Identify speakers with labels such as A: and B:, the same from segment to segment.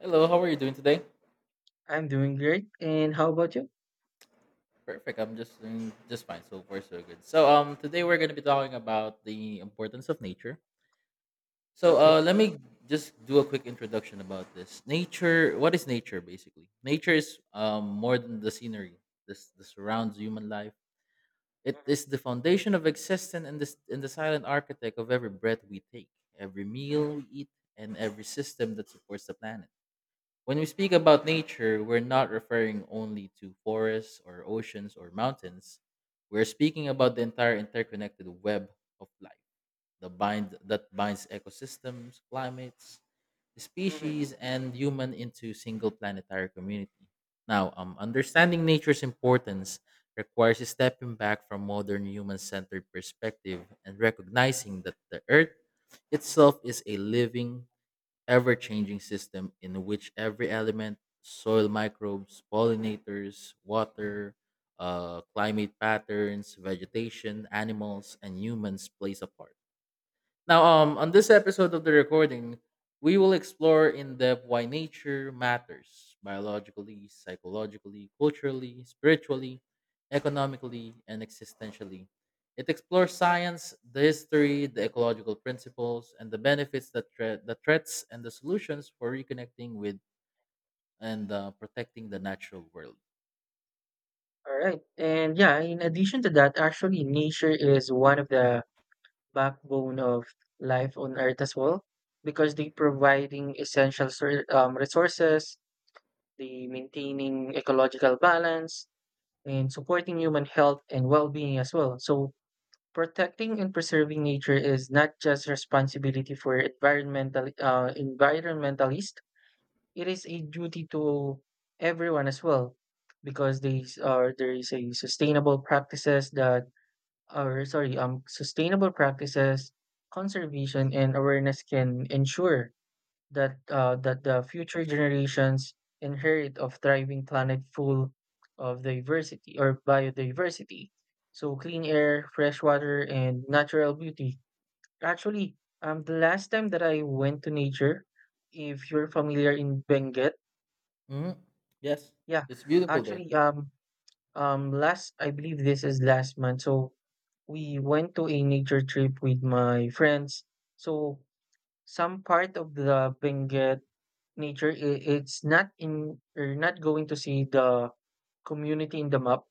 A: Hello, how are you doing today?
B: I'm doing great. And how about you?
A: Perfect. I'm just doing just fine. So far, so good. Today we're going to be talking about the importance of nature.
B: Okay.
A: Let me just do a quick introduction about this. Nature. What is nature basically? Nature is more than the scenery. This the surrounds human life. It
B: Mhm,
A: is the foundation of existence and this and the silent architect of every breath we take, every meal we eat, and every system that supports the planet. When we speak about nature, we're not referring only to forests or oceans or mountains. We're speaking about the entire interconnected web of life, the bind that binds ecosystems, climates,
B: mhm.
A: species, and human into single planetary community. Understanding nature's importance requires stepping back from modern human-centered perspective and recognizing that the Earth itself is a living ever changing system in which every element, soil microbes, pollinators, water, climate patterns, vegetation, animals, and humans plays a part. On this episode of the recording, we will explore in depth why nature matters biologically, psychologically, culturally, spiritually, economically, and existentially. It explores science, the history, the ecological principles, and the benefits, the threats, and the solutions for reconnecting with and protecting the natural world.
B: All right. And yeah, in addition to that, actually, nature is one of the backbone of life on Earth as well, because they providing essential resources, they maintaining ecological balance, and supporting human health and well-being as well. So protecting and preserving nature is not just responsibility for environmental environmentalists. It is a duty to everyone as well because these are there is a sustainable practices that are sorry sustainable practices, conservation and awareness can ensure that the future generations inherit of thriving planet full of diversity or biodiversity, so clean air, fresh water and natural beauty. Actually, the last time that I went to nature, if you're familiar in Benguet,
A: Mhm. Yes,
B: yeah,
A: it's beautiful there.
B: actually, last, I believe this is last month. So we went to a nature trip with my friends. So some part of the Benguet nature, it's not in, you're not going to see the community in the map.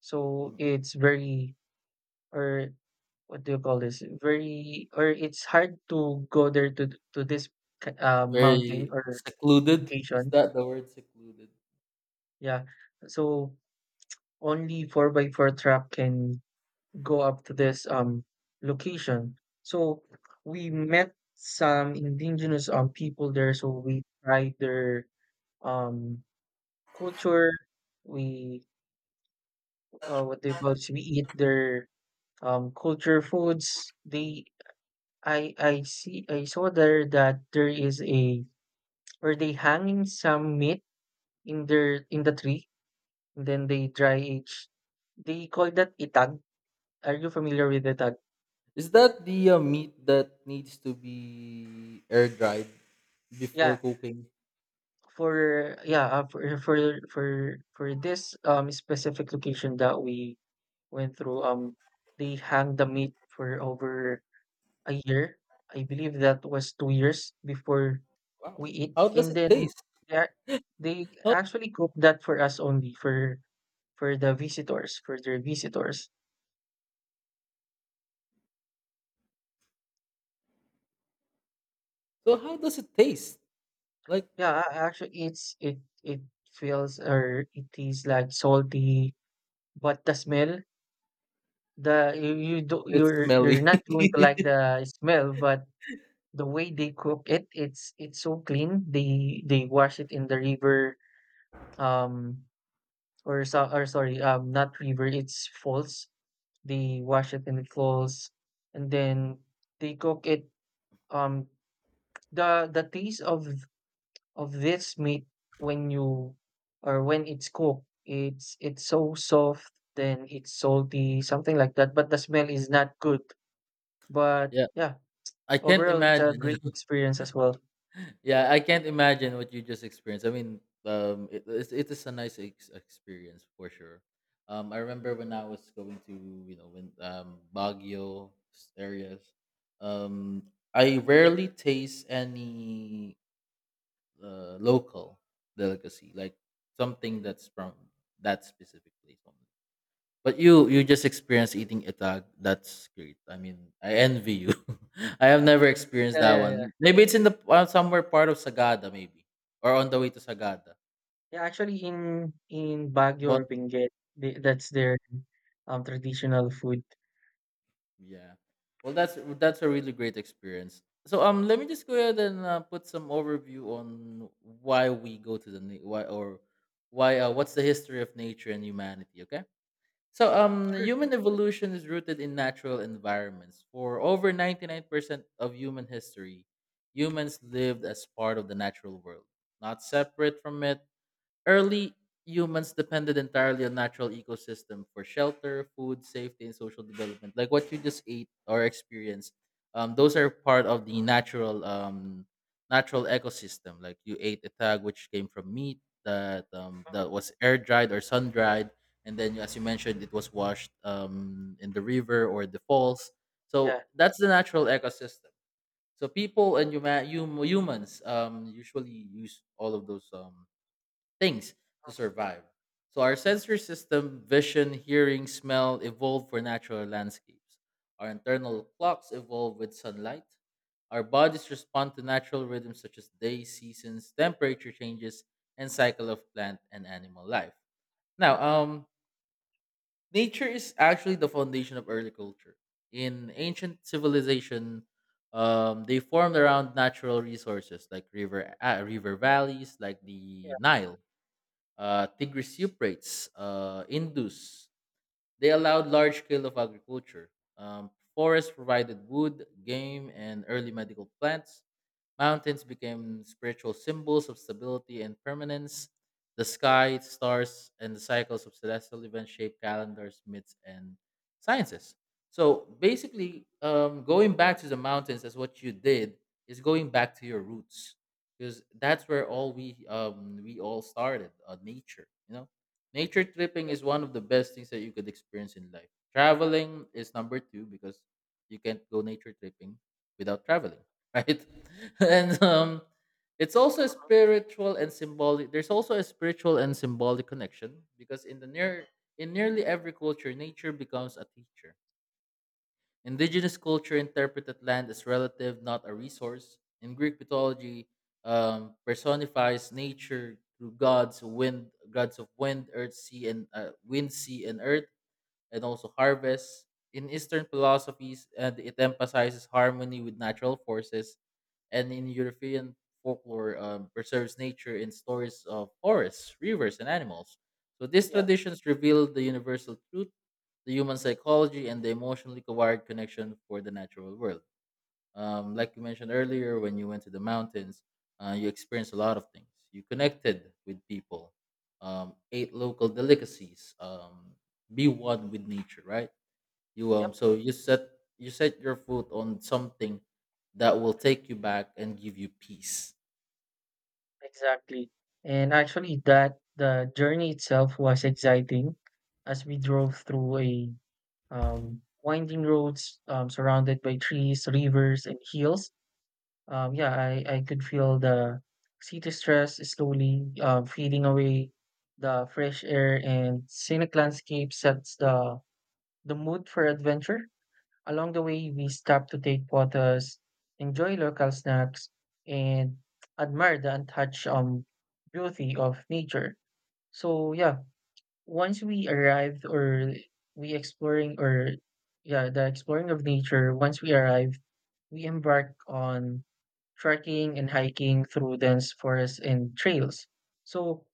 B: So
A: Mhm.
B: it's very, or what do you call this? Very, or it's hard to go there to this mountain
A: Very
B: or
A: secluded. Is
B: location.
A: that the word secluded?
B: Yeah. So only 4 by 4 truck can go up to this location. So we met some indigenous people there. So we tried their um culture. We What they call it, we eat their culture foods. They I saw there that there is a or they hanging some meat in their in the tree and then they dry age. They call that itag. Are you familiar with the tag?
A: Is that the meat that needs to be air dried before
B: Yeah.
A: cooking?
B: For this specific location that we went through, they hang the meat for over a year. I believe that was 2 years before
A: Wow.
B: we eat,
A: How does
B: and
A: it
B: then
A: taste?
B: they ac- they actually cook that for us only for the visitors, for their visitors.
A: So how does it taste? Like
B: Yeah, actually, it feels or it is like salty, but the smell. The You you do
A: it's
B: you're
A: smelly.
B: not going to like the smell, but the way they cook it, it's so clean. They wash it in the river, um, or so or sorry, not river, it's falls. They wash it in the falls, and then they cook it. Um, the taste of this meat when you or when it's cooked, it's so soft. Then it's salty, something like that. But the smell is not good. But
A: Yeah,
B: yeah.
A: I can't
B: Overall, it's a
A: imagine.
B: great experience as well.
A: Yeah, I can't imagine what you just experienced. I mean, it is a nice experience for sure. I remember when I was going to you know when Baguio areas, um, I rarely taste any local delicacy, like something that's from that specific place only. But you just experienced eating itag. That's great. I mean, I envy you. I have never experienced
B: Yeah,
A: that
B: yeah, yeah.
A: one. Maybe it's in the somewhere part of Sagada, maybe, or on the way to Sagada.
B: Yeah, actually in Baguio or
A: Bon,
B: Benguet, they, that's their traditional food.
A: yeah. Well, that's a really great experience. Let me just go ahead and put some overview on why we go to the na- why or why what's the history of nature and humanity. Okay. So,
B: Sure.
A: human evolution is rooted in natural environments. For over 99% of human history, humans lived as part of the natural world, not separate from it. Early humans depended entirely on natural ecosystem for shelter, food, safety, and social development. Like what you just ate or experienced, those are part of the natural natural ecosystem. Like you ate a tag which came from meat that that
B: Mhm.
A: was air dried or sun dried, and then as you mentioned, it was washed in the river or the falls.
B: Yeah.
A: So that's the natural ecosystem. So people and humans usually use all of those things to
B: Mhm.
A: survive. So our sensory system, vision, hearing, smell evolved for natural landscapes. Our internal clocks evolved with sunlight. Our bodies respond to natural rhythms such as day, seasons, temperature changes, and cycle of plant and animal life. Now, um, Nature is actually the foundation of early culture. In ancient civilization, they formed around natural resources like river, river valleys, like the
B: Yeah.
A: Nile, Tigris Euphrates, Indus. They allowed large scale of agriculture. Forests provided wood, game, and early medical plants. Mountains became spiritual symbols of stability and permanence. The sky, stars, and the cycles of celestial events shape calendars, myths, and sciences. So basically, going back to the mountains as what you did is going back to your roots because that's where all we all started. Nature, you know, nature tripping is one of the best things that you could experience in life. Traveling is number two because you can't go nature tripping without traveling, right? And it's also a
B: Mhm.
A: spiritual and symbolic. There's also a spiritual and symbolic connection because in nearly every culture, nature becomes a teacher. Indigenous culture interpreted land as relative, not a resource. In Greek mythology, personifies nature through gods of wind, earth, sea, and wind, sea, and earth, and also harvest. In Eastern philosophies, and it emphasizes harmony with natural forces, and in European folklore preserves nature in stories of forests, rivers, and animals. So these
B: Yeah.
A: traditions reveal the universal truth, the human psychology, and the emotionally wired connection for the natural world. Like you mentioned earlier, when you went to the mountains, you experienced a lot of things. You connected with people, ate local delicacies, be one with nature, right? You um
B: Yep.
A: so you set you set your foot on something that will take you back and give you peace.
B: Exactly. And actually that the journey itself was exciting as we drove through a winding roads surrounded by trees, rivers and hills. I could feel the city stress slowly fading away. The fresh air and scenic landscape sets the mood for adventure. Along the way, we stop to take photos, enjoy local snacks, and admire the untouched beauty of nature. So yeah, once we arrived or we exploring or yeah, the exploring of nature, once we arrive we embarked on trekking and hiking through dense forests and trails. So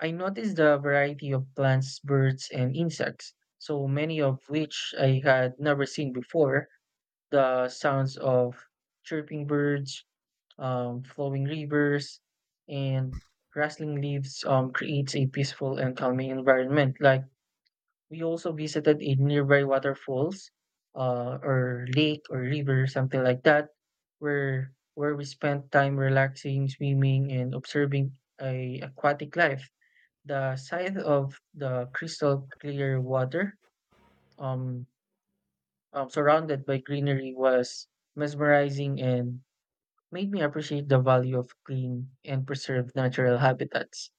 B: I noticed the variety of plants, birds, and insects, so many of which I had never seen before. The sounds of chirping birds, flowing rivers, and rustling leaves creates a peaceful and calming environment. Like we also visited a nearby waterfalls, or lake or river, something like that, where we spent time relaxing, swimming, and observing a aquatic life. The sight of the crystal clear water, um, surrounded by greenery, was mesmerizing and made me appreciate the value of clean and preserved natural habitats.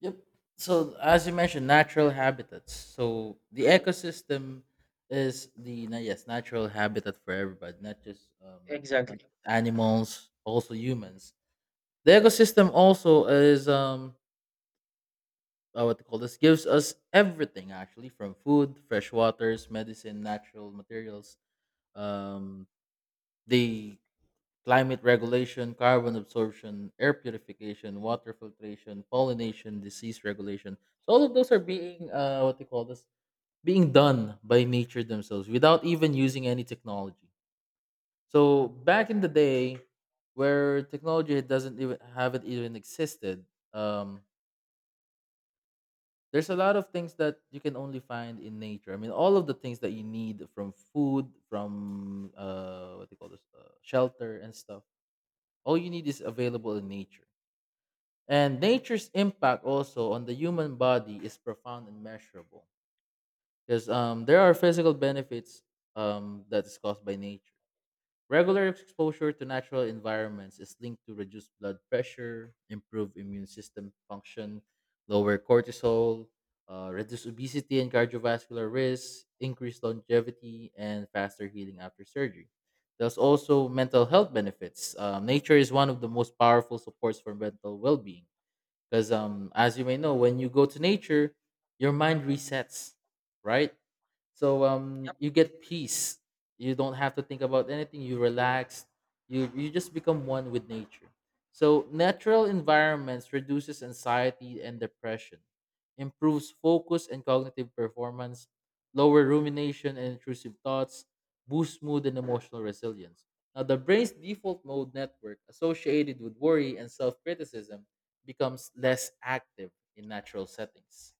A: Yep. So as you mentioned, natural habitats. So the
B: Mhm.
A: ecosystem is the yes, natural habitat for everybody, not just not
B: Exactly.
A: just animals, also humans. The ecosystem also is what to call this gives us everything actually from food, fresh waters, medicine, natural materials. Um, they Climate regulation, carbon absorption, air purification, water filtration, pollination, disease regulation. So all of those are being what they call this being done by nature themselves without even using any technology. So back in the day, where technology doesn't even haven't even existed, um, there's a lot of things that you can only find in nature. I mean, all of the things that you need from food, from what they call this, shelter and stuff. All you need is available in nature. And nature's impact also on the human body is profound and measurable because there are physical benefits that is caused by nature. Regular exposure to natural environments is linked to reduced blood pressure, improved immune system function, lower cortisol, reduce obesity and cardiovascular risk, increased longevity, and faster healing after surgery. There's also mental health benefits. Nature is one of the most powerful supports for mental well-being because as you may know, when you go to nature, your mind resets, right? So
B: Yep,
A: you get peace, you don't have to think about anything, you relax, you just become one with nature. So natural environments reduces anxiety and depression, improves focus and cognitive performance, lower rumination and intrusive thoughts, boosts mood and emotional resilience. Now the brain's default mode network associated with worry and self-criticism becomes less active in natural settings.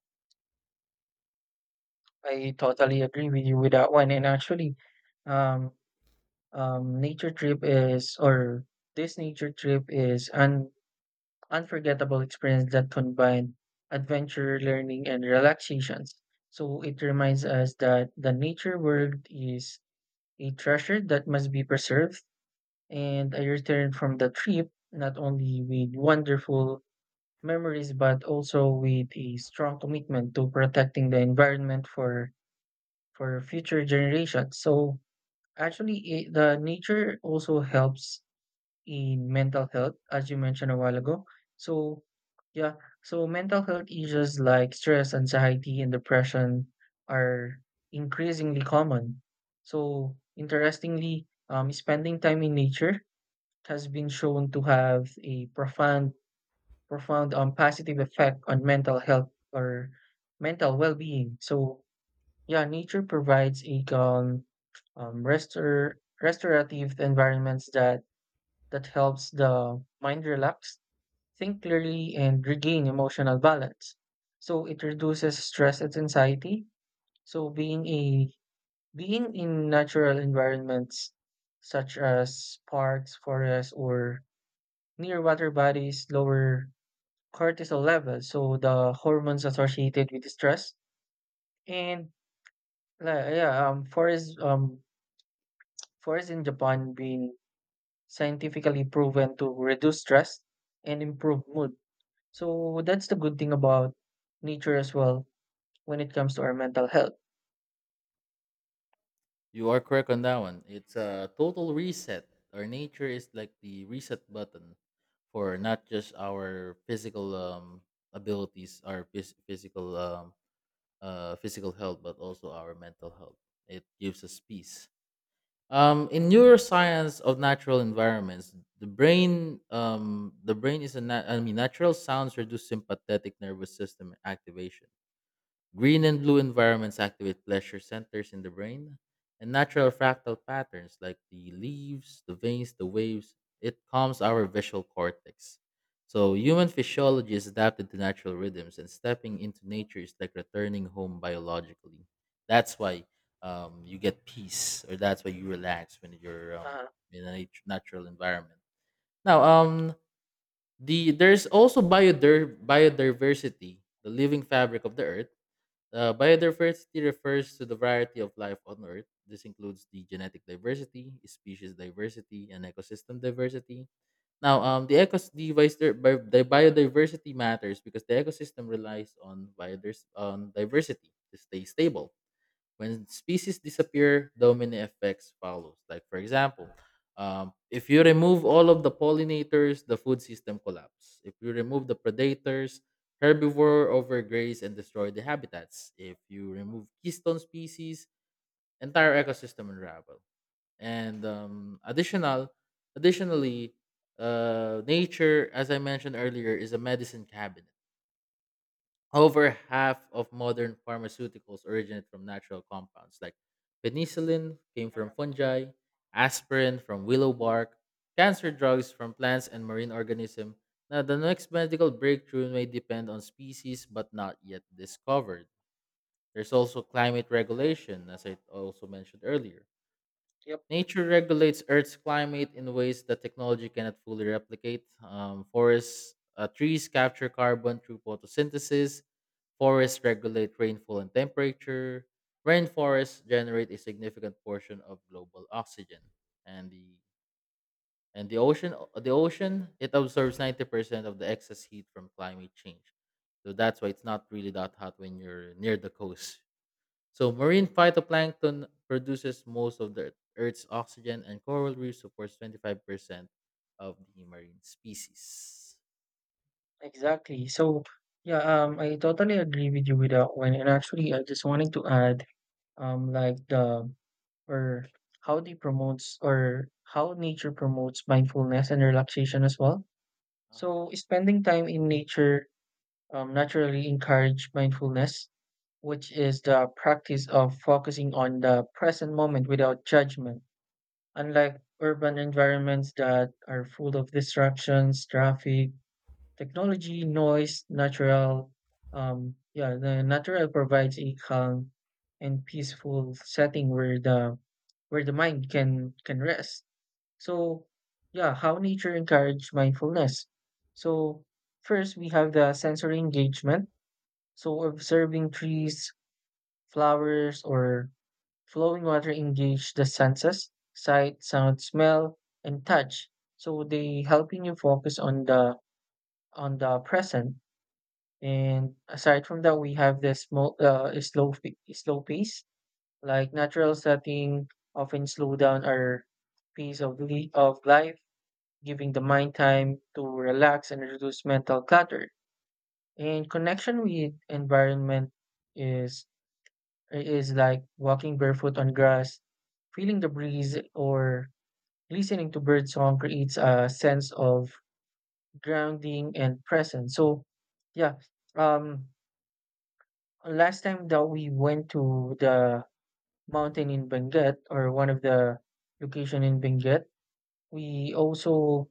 B: I totally agree with you with that one. And actually, um, nature trip is or this nature trip is an unforgettable experience that combines adventure, learning, and relaxations. So it reminds us that the nature world is a treasure that must be preserved. And I return from the trip not only with wonderful memories but also with a strong commitment to protecting the environment for future generations. So actually, it, the nature also helps in mental health, as you mentioned a while ago. So, yeah, so mental health issues like stress, anxiety, and depression are increasingly common. So, interestingly, spending time in nature has been shown to have a profound, positive effect on mental health or mental well-being. So, yeah, nature provides a calm, restorative environments that helps the mind relax, think clearly, and regain emotional balance. So it reduces stress and anxiety. So being in natural environments such as parks, forests, or near water bodies lower cortisol levels, so the hormones associated with stress. And like, yeah, forests in Japan being scientifically proven to reduce stress and improve mood. So that's the good thing about nature as well when it comes to our mental health.
A: You are correct on that one. It's a total reset. Our nature is like the reset button for not just our physical abilities, our physical physical health, but also our mental health. It gives us peace. In neuroscience of natural environments, the brain is a na- I mean natural sounds reduce sympathetic nervous system activation. Green and blue environments activate pleasure centers in the brain, and natural fractal patterns like the leaves, the veins, the waves, it calms our visual cortex. So, human physiology is adapted to natural rhythms, and stepping into nature is like returning home biologically. That's why you get peace, or that's why you relax when you're
B: Uh,
A: in a natural environment. Now, the There's also biodiversity, the living fabric of the earth. Biodiversity refers to the variety of life on Earth. This includes the genetic diversity, species diversity, and ecosystem diversity. Now, the, ecos- the, vice- the bi- the Biodiversity matters because the ecosystem relies on diversity to stay stable. When species disappear, domino effects follows. Like for example, if you remove all of the pollinators, the food system collapse. If you remove the predators, herbivore overgraze and destroy the habitats. If you remove keystone species, entire ecosystem unravel. And additionally, nature, as I mentioned earlier, is a medicine cabinet. Over half of modern pharmaceuticals originate from natural compounds, like penicillin came from fungi, aspirin from willow bark, cancer drugs from plants and marine organisms. Now, the next medical breakthrough may depend on species but not yet discovered. There's also climate regulation, as I also mentioned earlier.
B: yep,
A: Nature regulates Earth's climate in ways that technology cannot fully replicate. Trees capture carbon through photosynthesis. Forests regulate rainfall and temperature. Rainforests generate a significant portion of global oxygen. And the and the ocean it absorbs 90% of the excess heat from climate change. So that's why it's not really that hot when you're near the coast. So marine phytoplankton produces most of the earth's oxygen and coral reef supports 25% of the marine species.
B: exactly. So yeah, I totally agree with you with that one. And actually, I just wanted to add, like the or how they promotes or how nature promotes mindfulness and relaxation as well.
A: uh
B: So spending time in nature naturally encourage mindfulness, which is the practice of focusing on the present moment without judgment. Unlike urban environments that are full of distractions, traffic, technology, noise, natural, yeah, the natural provides a calm and peaceful setting where the mind can rest. So, yeah, how nature encourage mindfulness. So, first we have the sensory engagement. So, observing trees, flowers, or flowing water engage the senses, sight, sound, smell, and touch. So they helping you focus on the present. And aside from that, we have this small, slow pace, like natural setting often slow down our pace of life, giving the mind time to relax and reduce mental clutter. And connection with environment is. It is like walking barefoot on grass, feeling the breeze, or listening to bird song creates a sense of grounding and presence. So, yeah, um, last time that we went to the mountain in Benguet or one of the location in Benguet, we also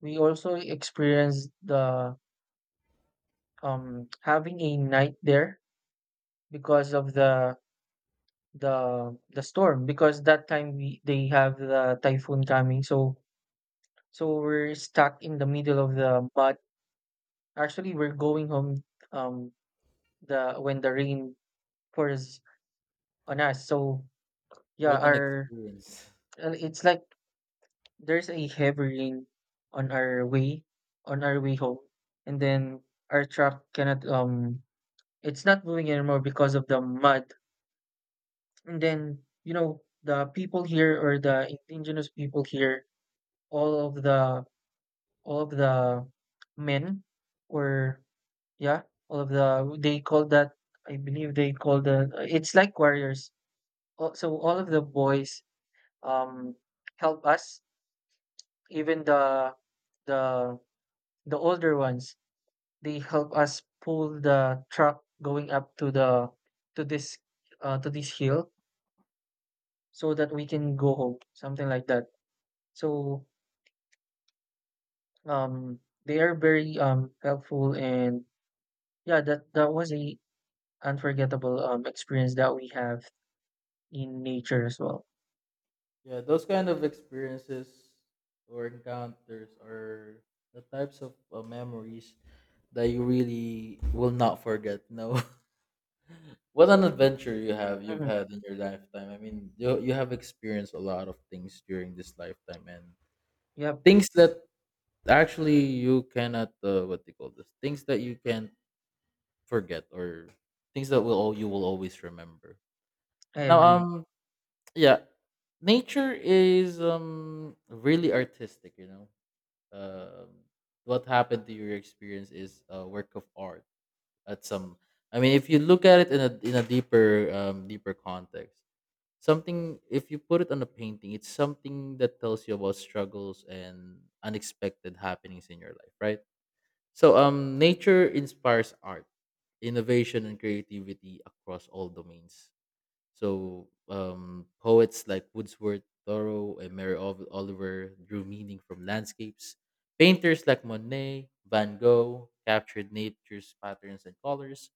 B: experienced the having a night there because of the storm, because that time we they have the typhoon coming, so so we're stuck in the middle of the mud. Actually we're going home, um the when the rain pours on us. So yeah,
A: What an
B: our,
A: experience.
B: and it's like there's a heavy rain on our way home, and
A: Uh-huh.
B: then our truck cannot it's not moving anymore because of the mud. And then you know the people here or the indigenous people here, all of the all of the men, or yeah, all of the they call that, I believe they call the, it's like warriors. So all of the boys um help us, even the the the older ones, they help us pull the truck going up to the to this to this hill, so that we can go home, something like that. So um they are very helpful. And yeah, that that was a unforgettable, experience that we have in nature as well.
A: Yeah, those kind of experiences or encounters are the types of memories that you really will not forget. No, what an adventure you've
B: Mhm.
A: had in your lifetime. I mean, you have experienced a lot of things during this lifetime, and
B: Yep,
A: things that actually you cannot what they call this things that you can't forget or things that you will always remember.
B: I
A: Now,
B: agree.
A: um, yeah, Nature is really artistic, you know. um, what happened to your experience is a work of art at some, I mean, if you look at it in a deeper deeper context, something, if you put it on a painting, it's something that tells you about struggles and unexpected happenings in your life, right? So nature inspires art, innovation and creativity across all domains. So poets like Wordsworth, Thoreau, and Oliver drew meaning from landscapes. Painters like Monet, Van Gogh captured nature's patterns and colors.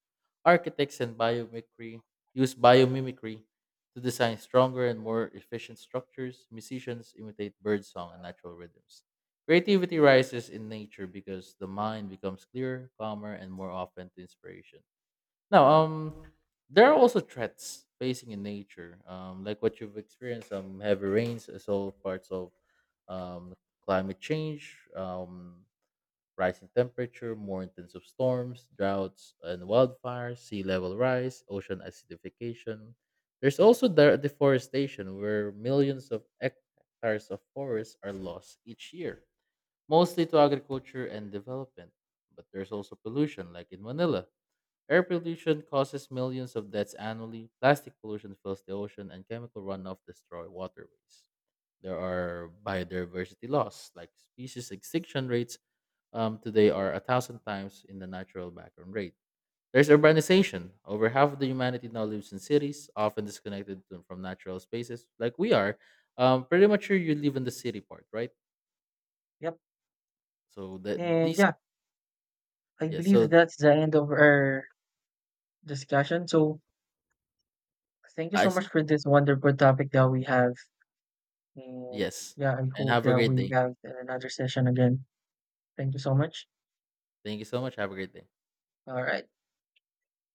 A: Architects and biomimicry used biomimicry to design stronger and more efficient structures. Musicians imitate birdsong and natural rhythms. Creativity rises in nature because the mind becomes clearer, calmer, and more open to inspiration. Now, um, there are also threats facing in nature, like what you've experienced, heavy rains, as all parts of um, climate change, rising temperature, more intensive storms, droughts, and wildfires, sea level rise, ocean acidification. There's also the deforestation, where millions of hectares of forests are lost each year, mostly to agriculture and development. But there's also pollution, like in Manila. Air pollution causes millions of deaths annually. Plastic pollution fills the ocean, and chemical runoff destroy waterways. There are biodiversity loss, like species extinction rates today are 1,000 times in the natural background rate. There's urbanization. Over half of the humanity now lives in cities, often disconnected from natural spaces, like we are. Pretty much sure you live in the city part, right?
B: Yep.
A: So that
B: And
A: these,
B: yeah, I
A: yeah.
B: believe
A: So
B: that's the end of our discussion. So thank you
A: I
B: so much
A: see.
B: for this wonderful topic that we have. And
A: Yes,
B: yeah, I
A: and
B: hope
A: have a
B: that
A: great
B: we
A: day.
B: have another session again. Thank you so much.
A: Thank you so much. Have a great day.
B: All right.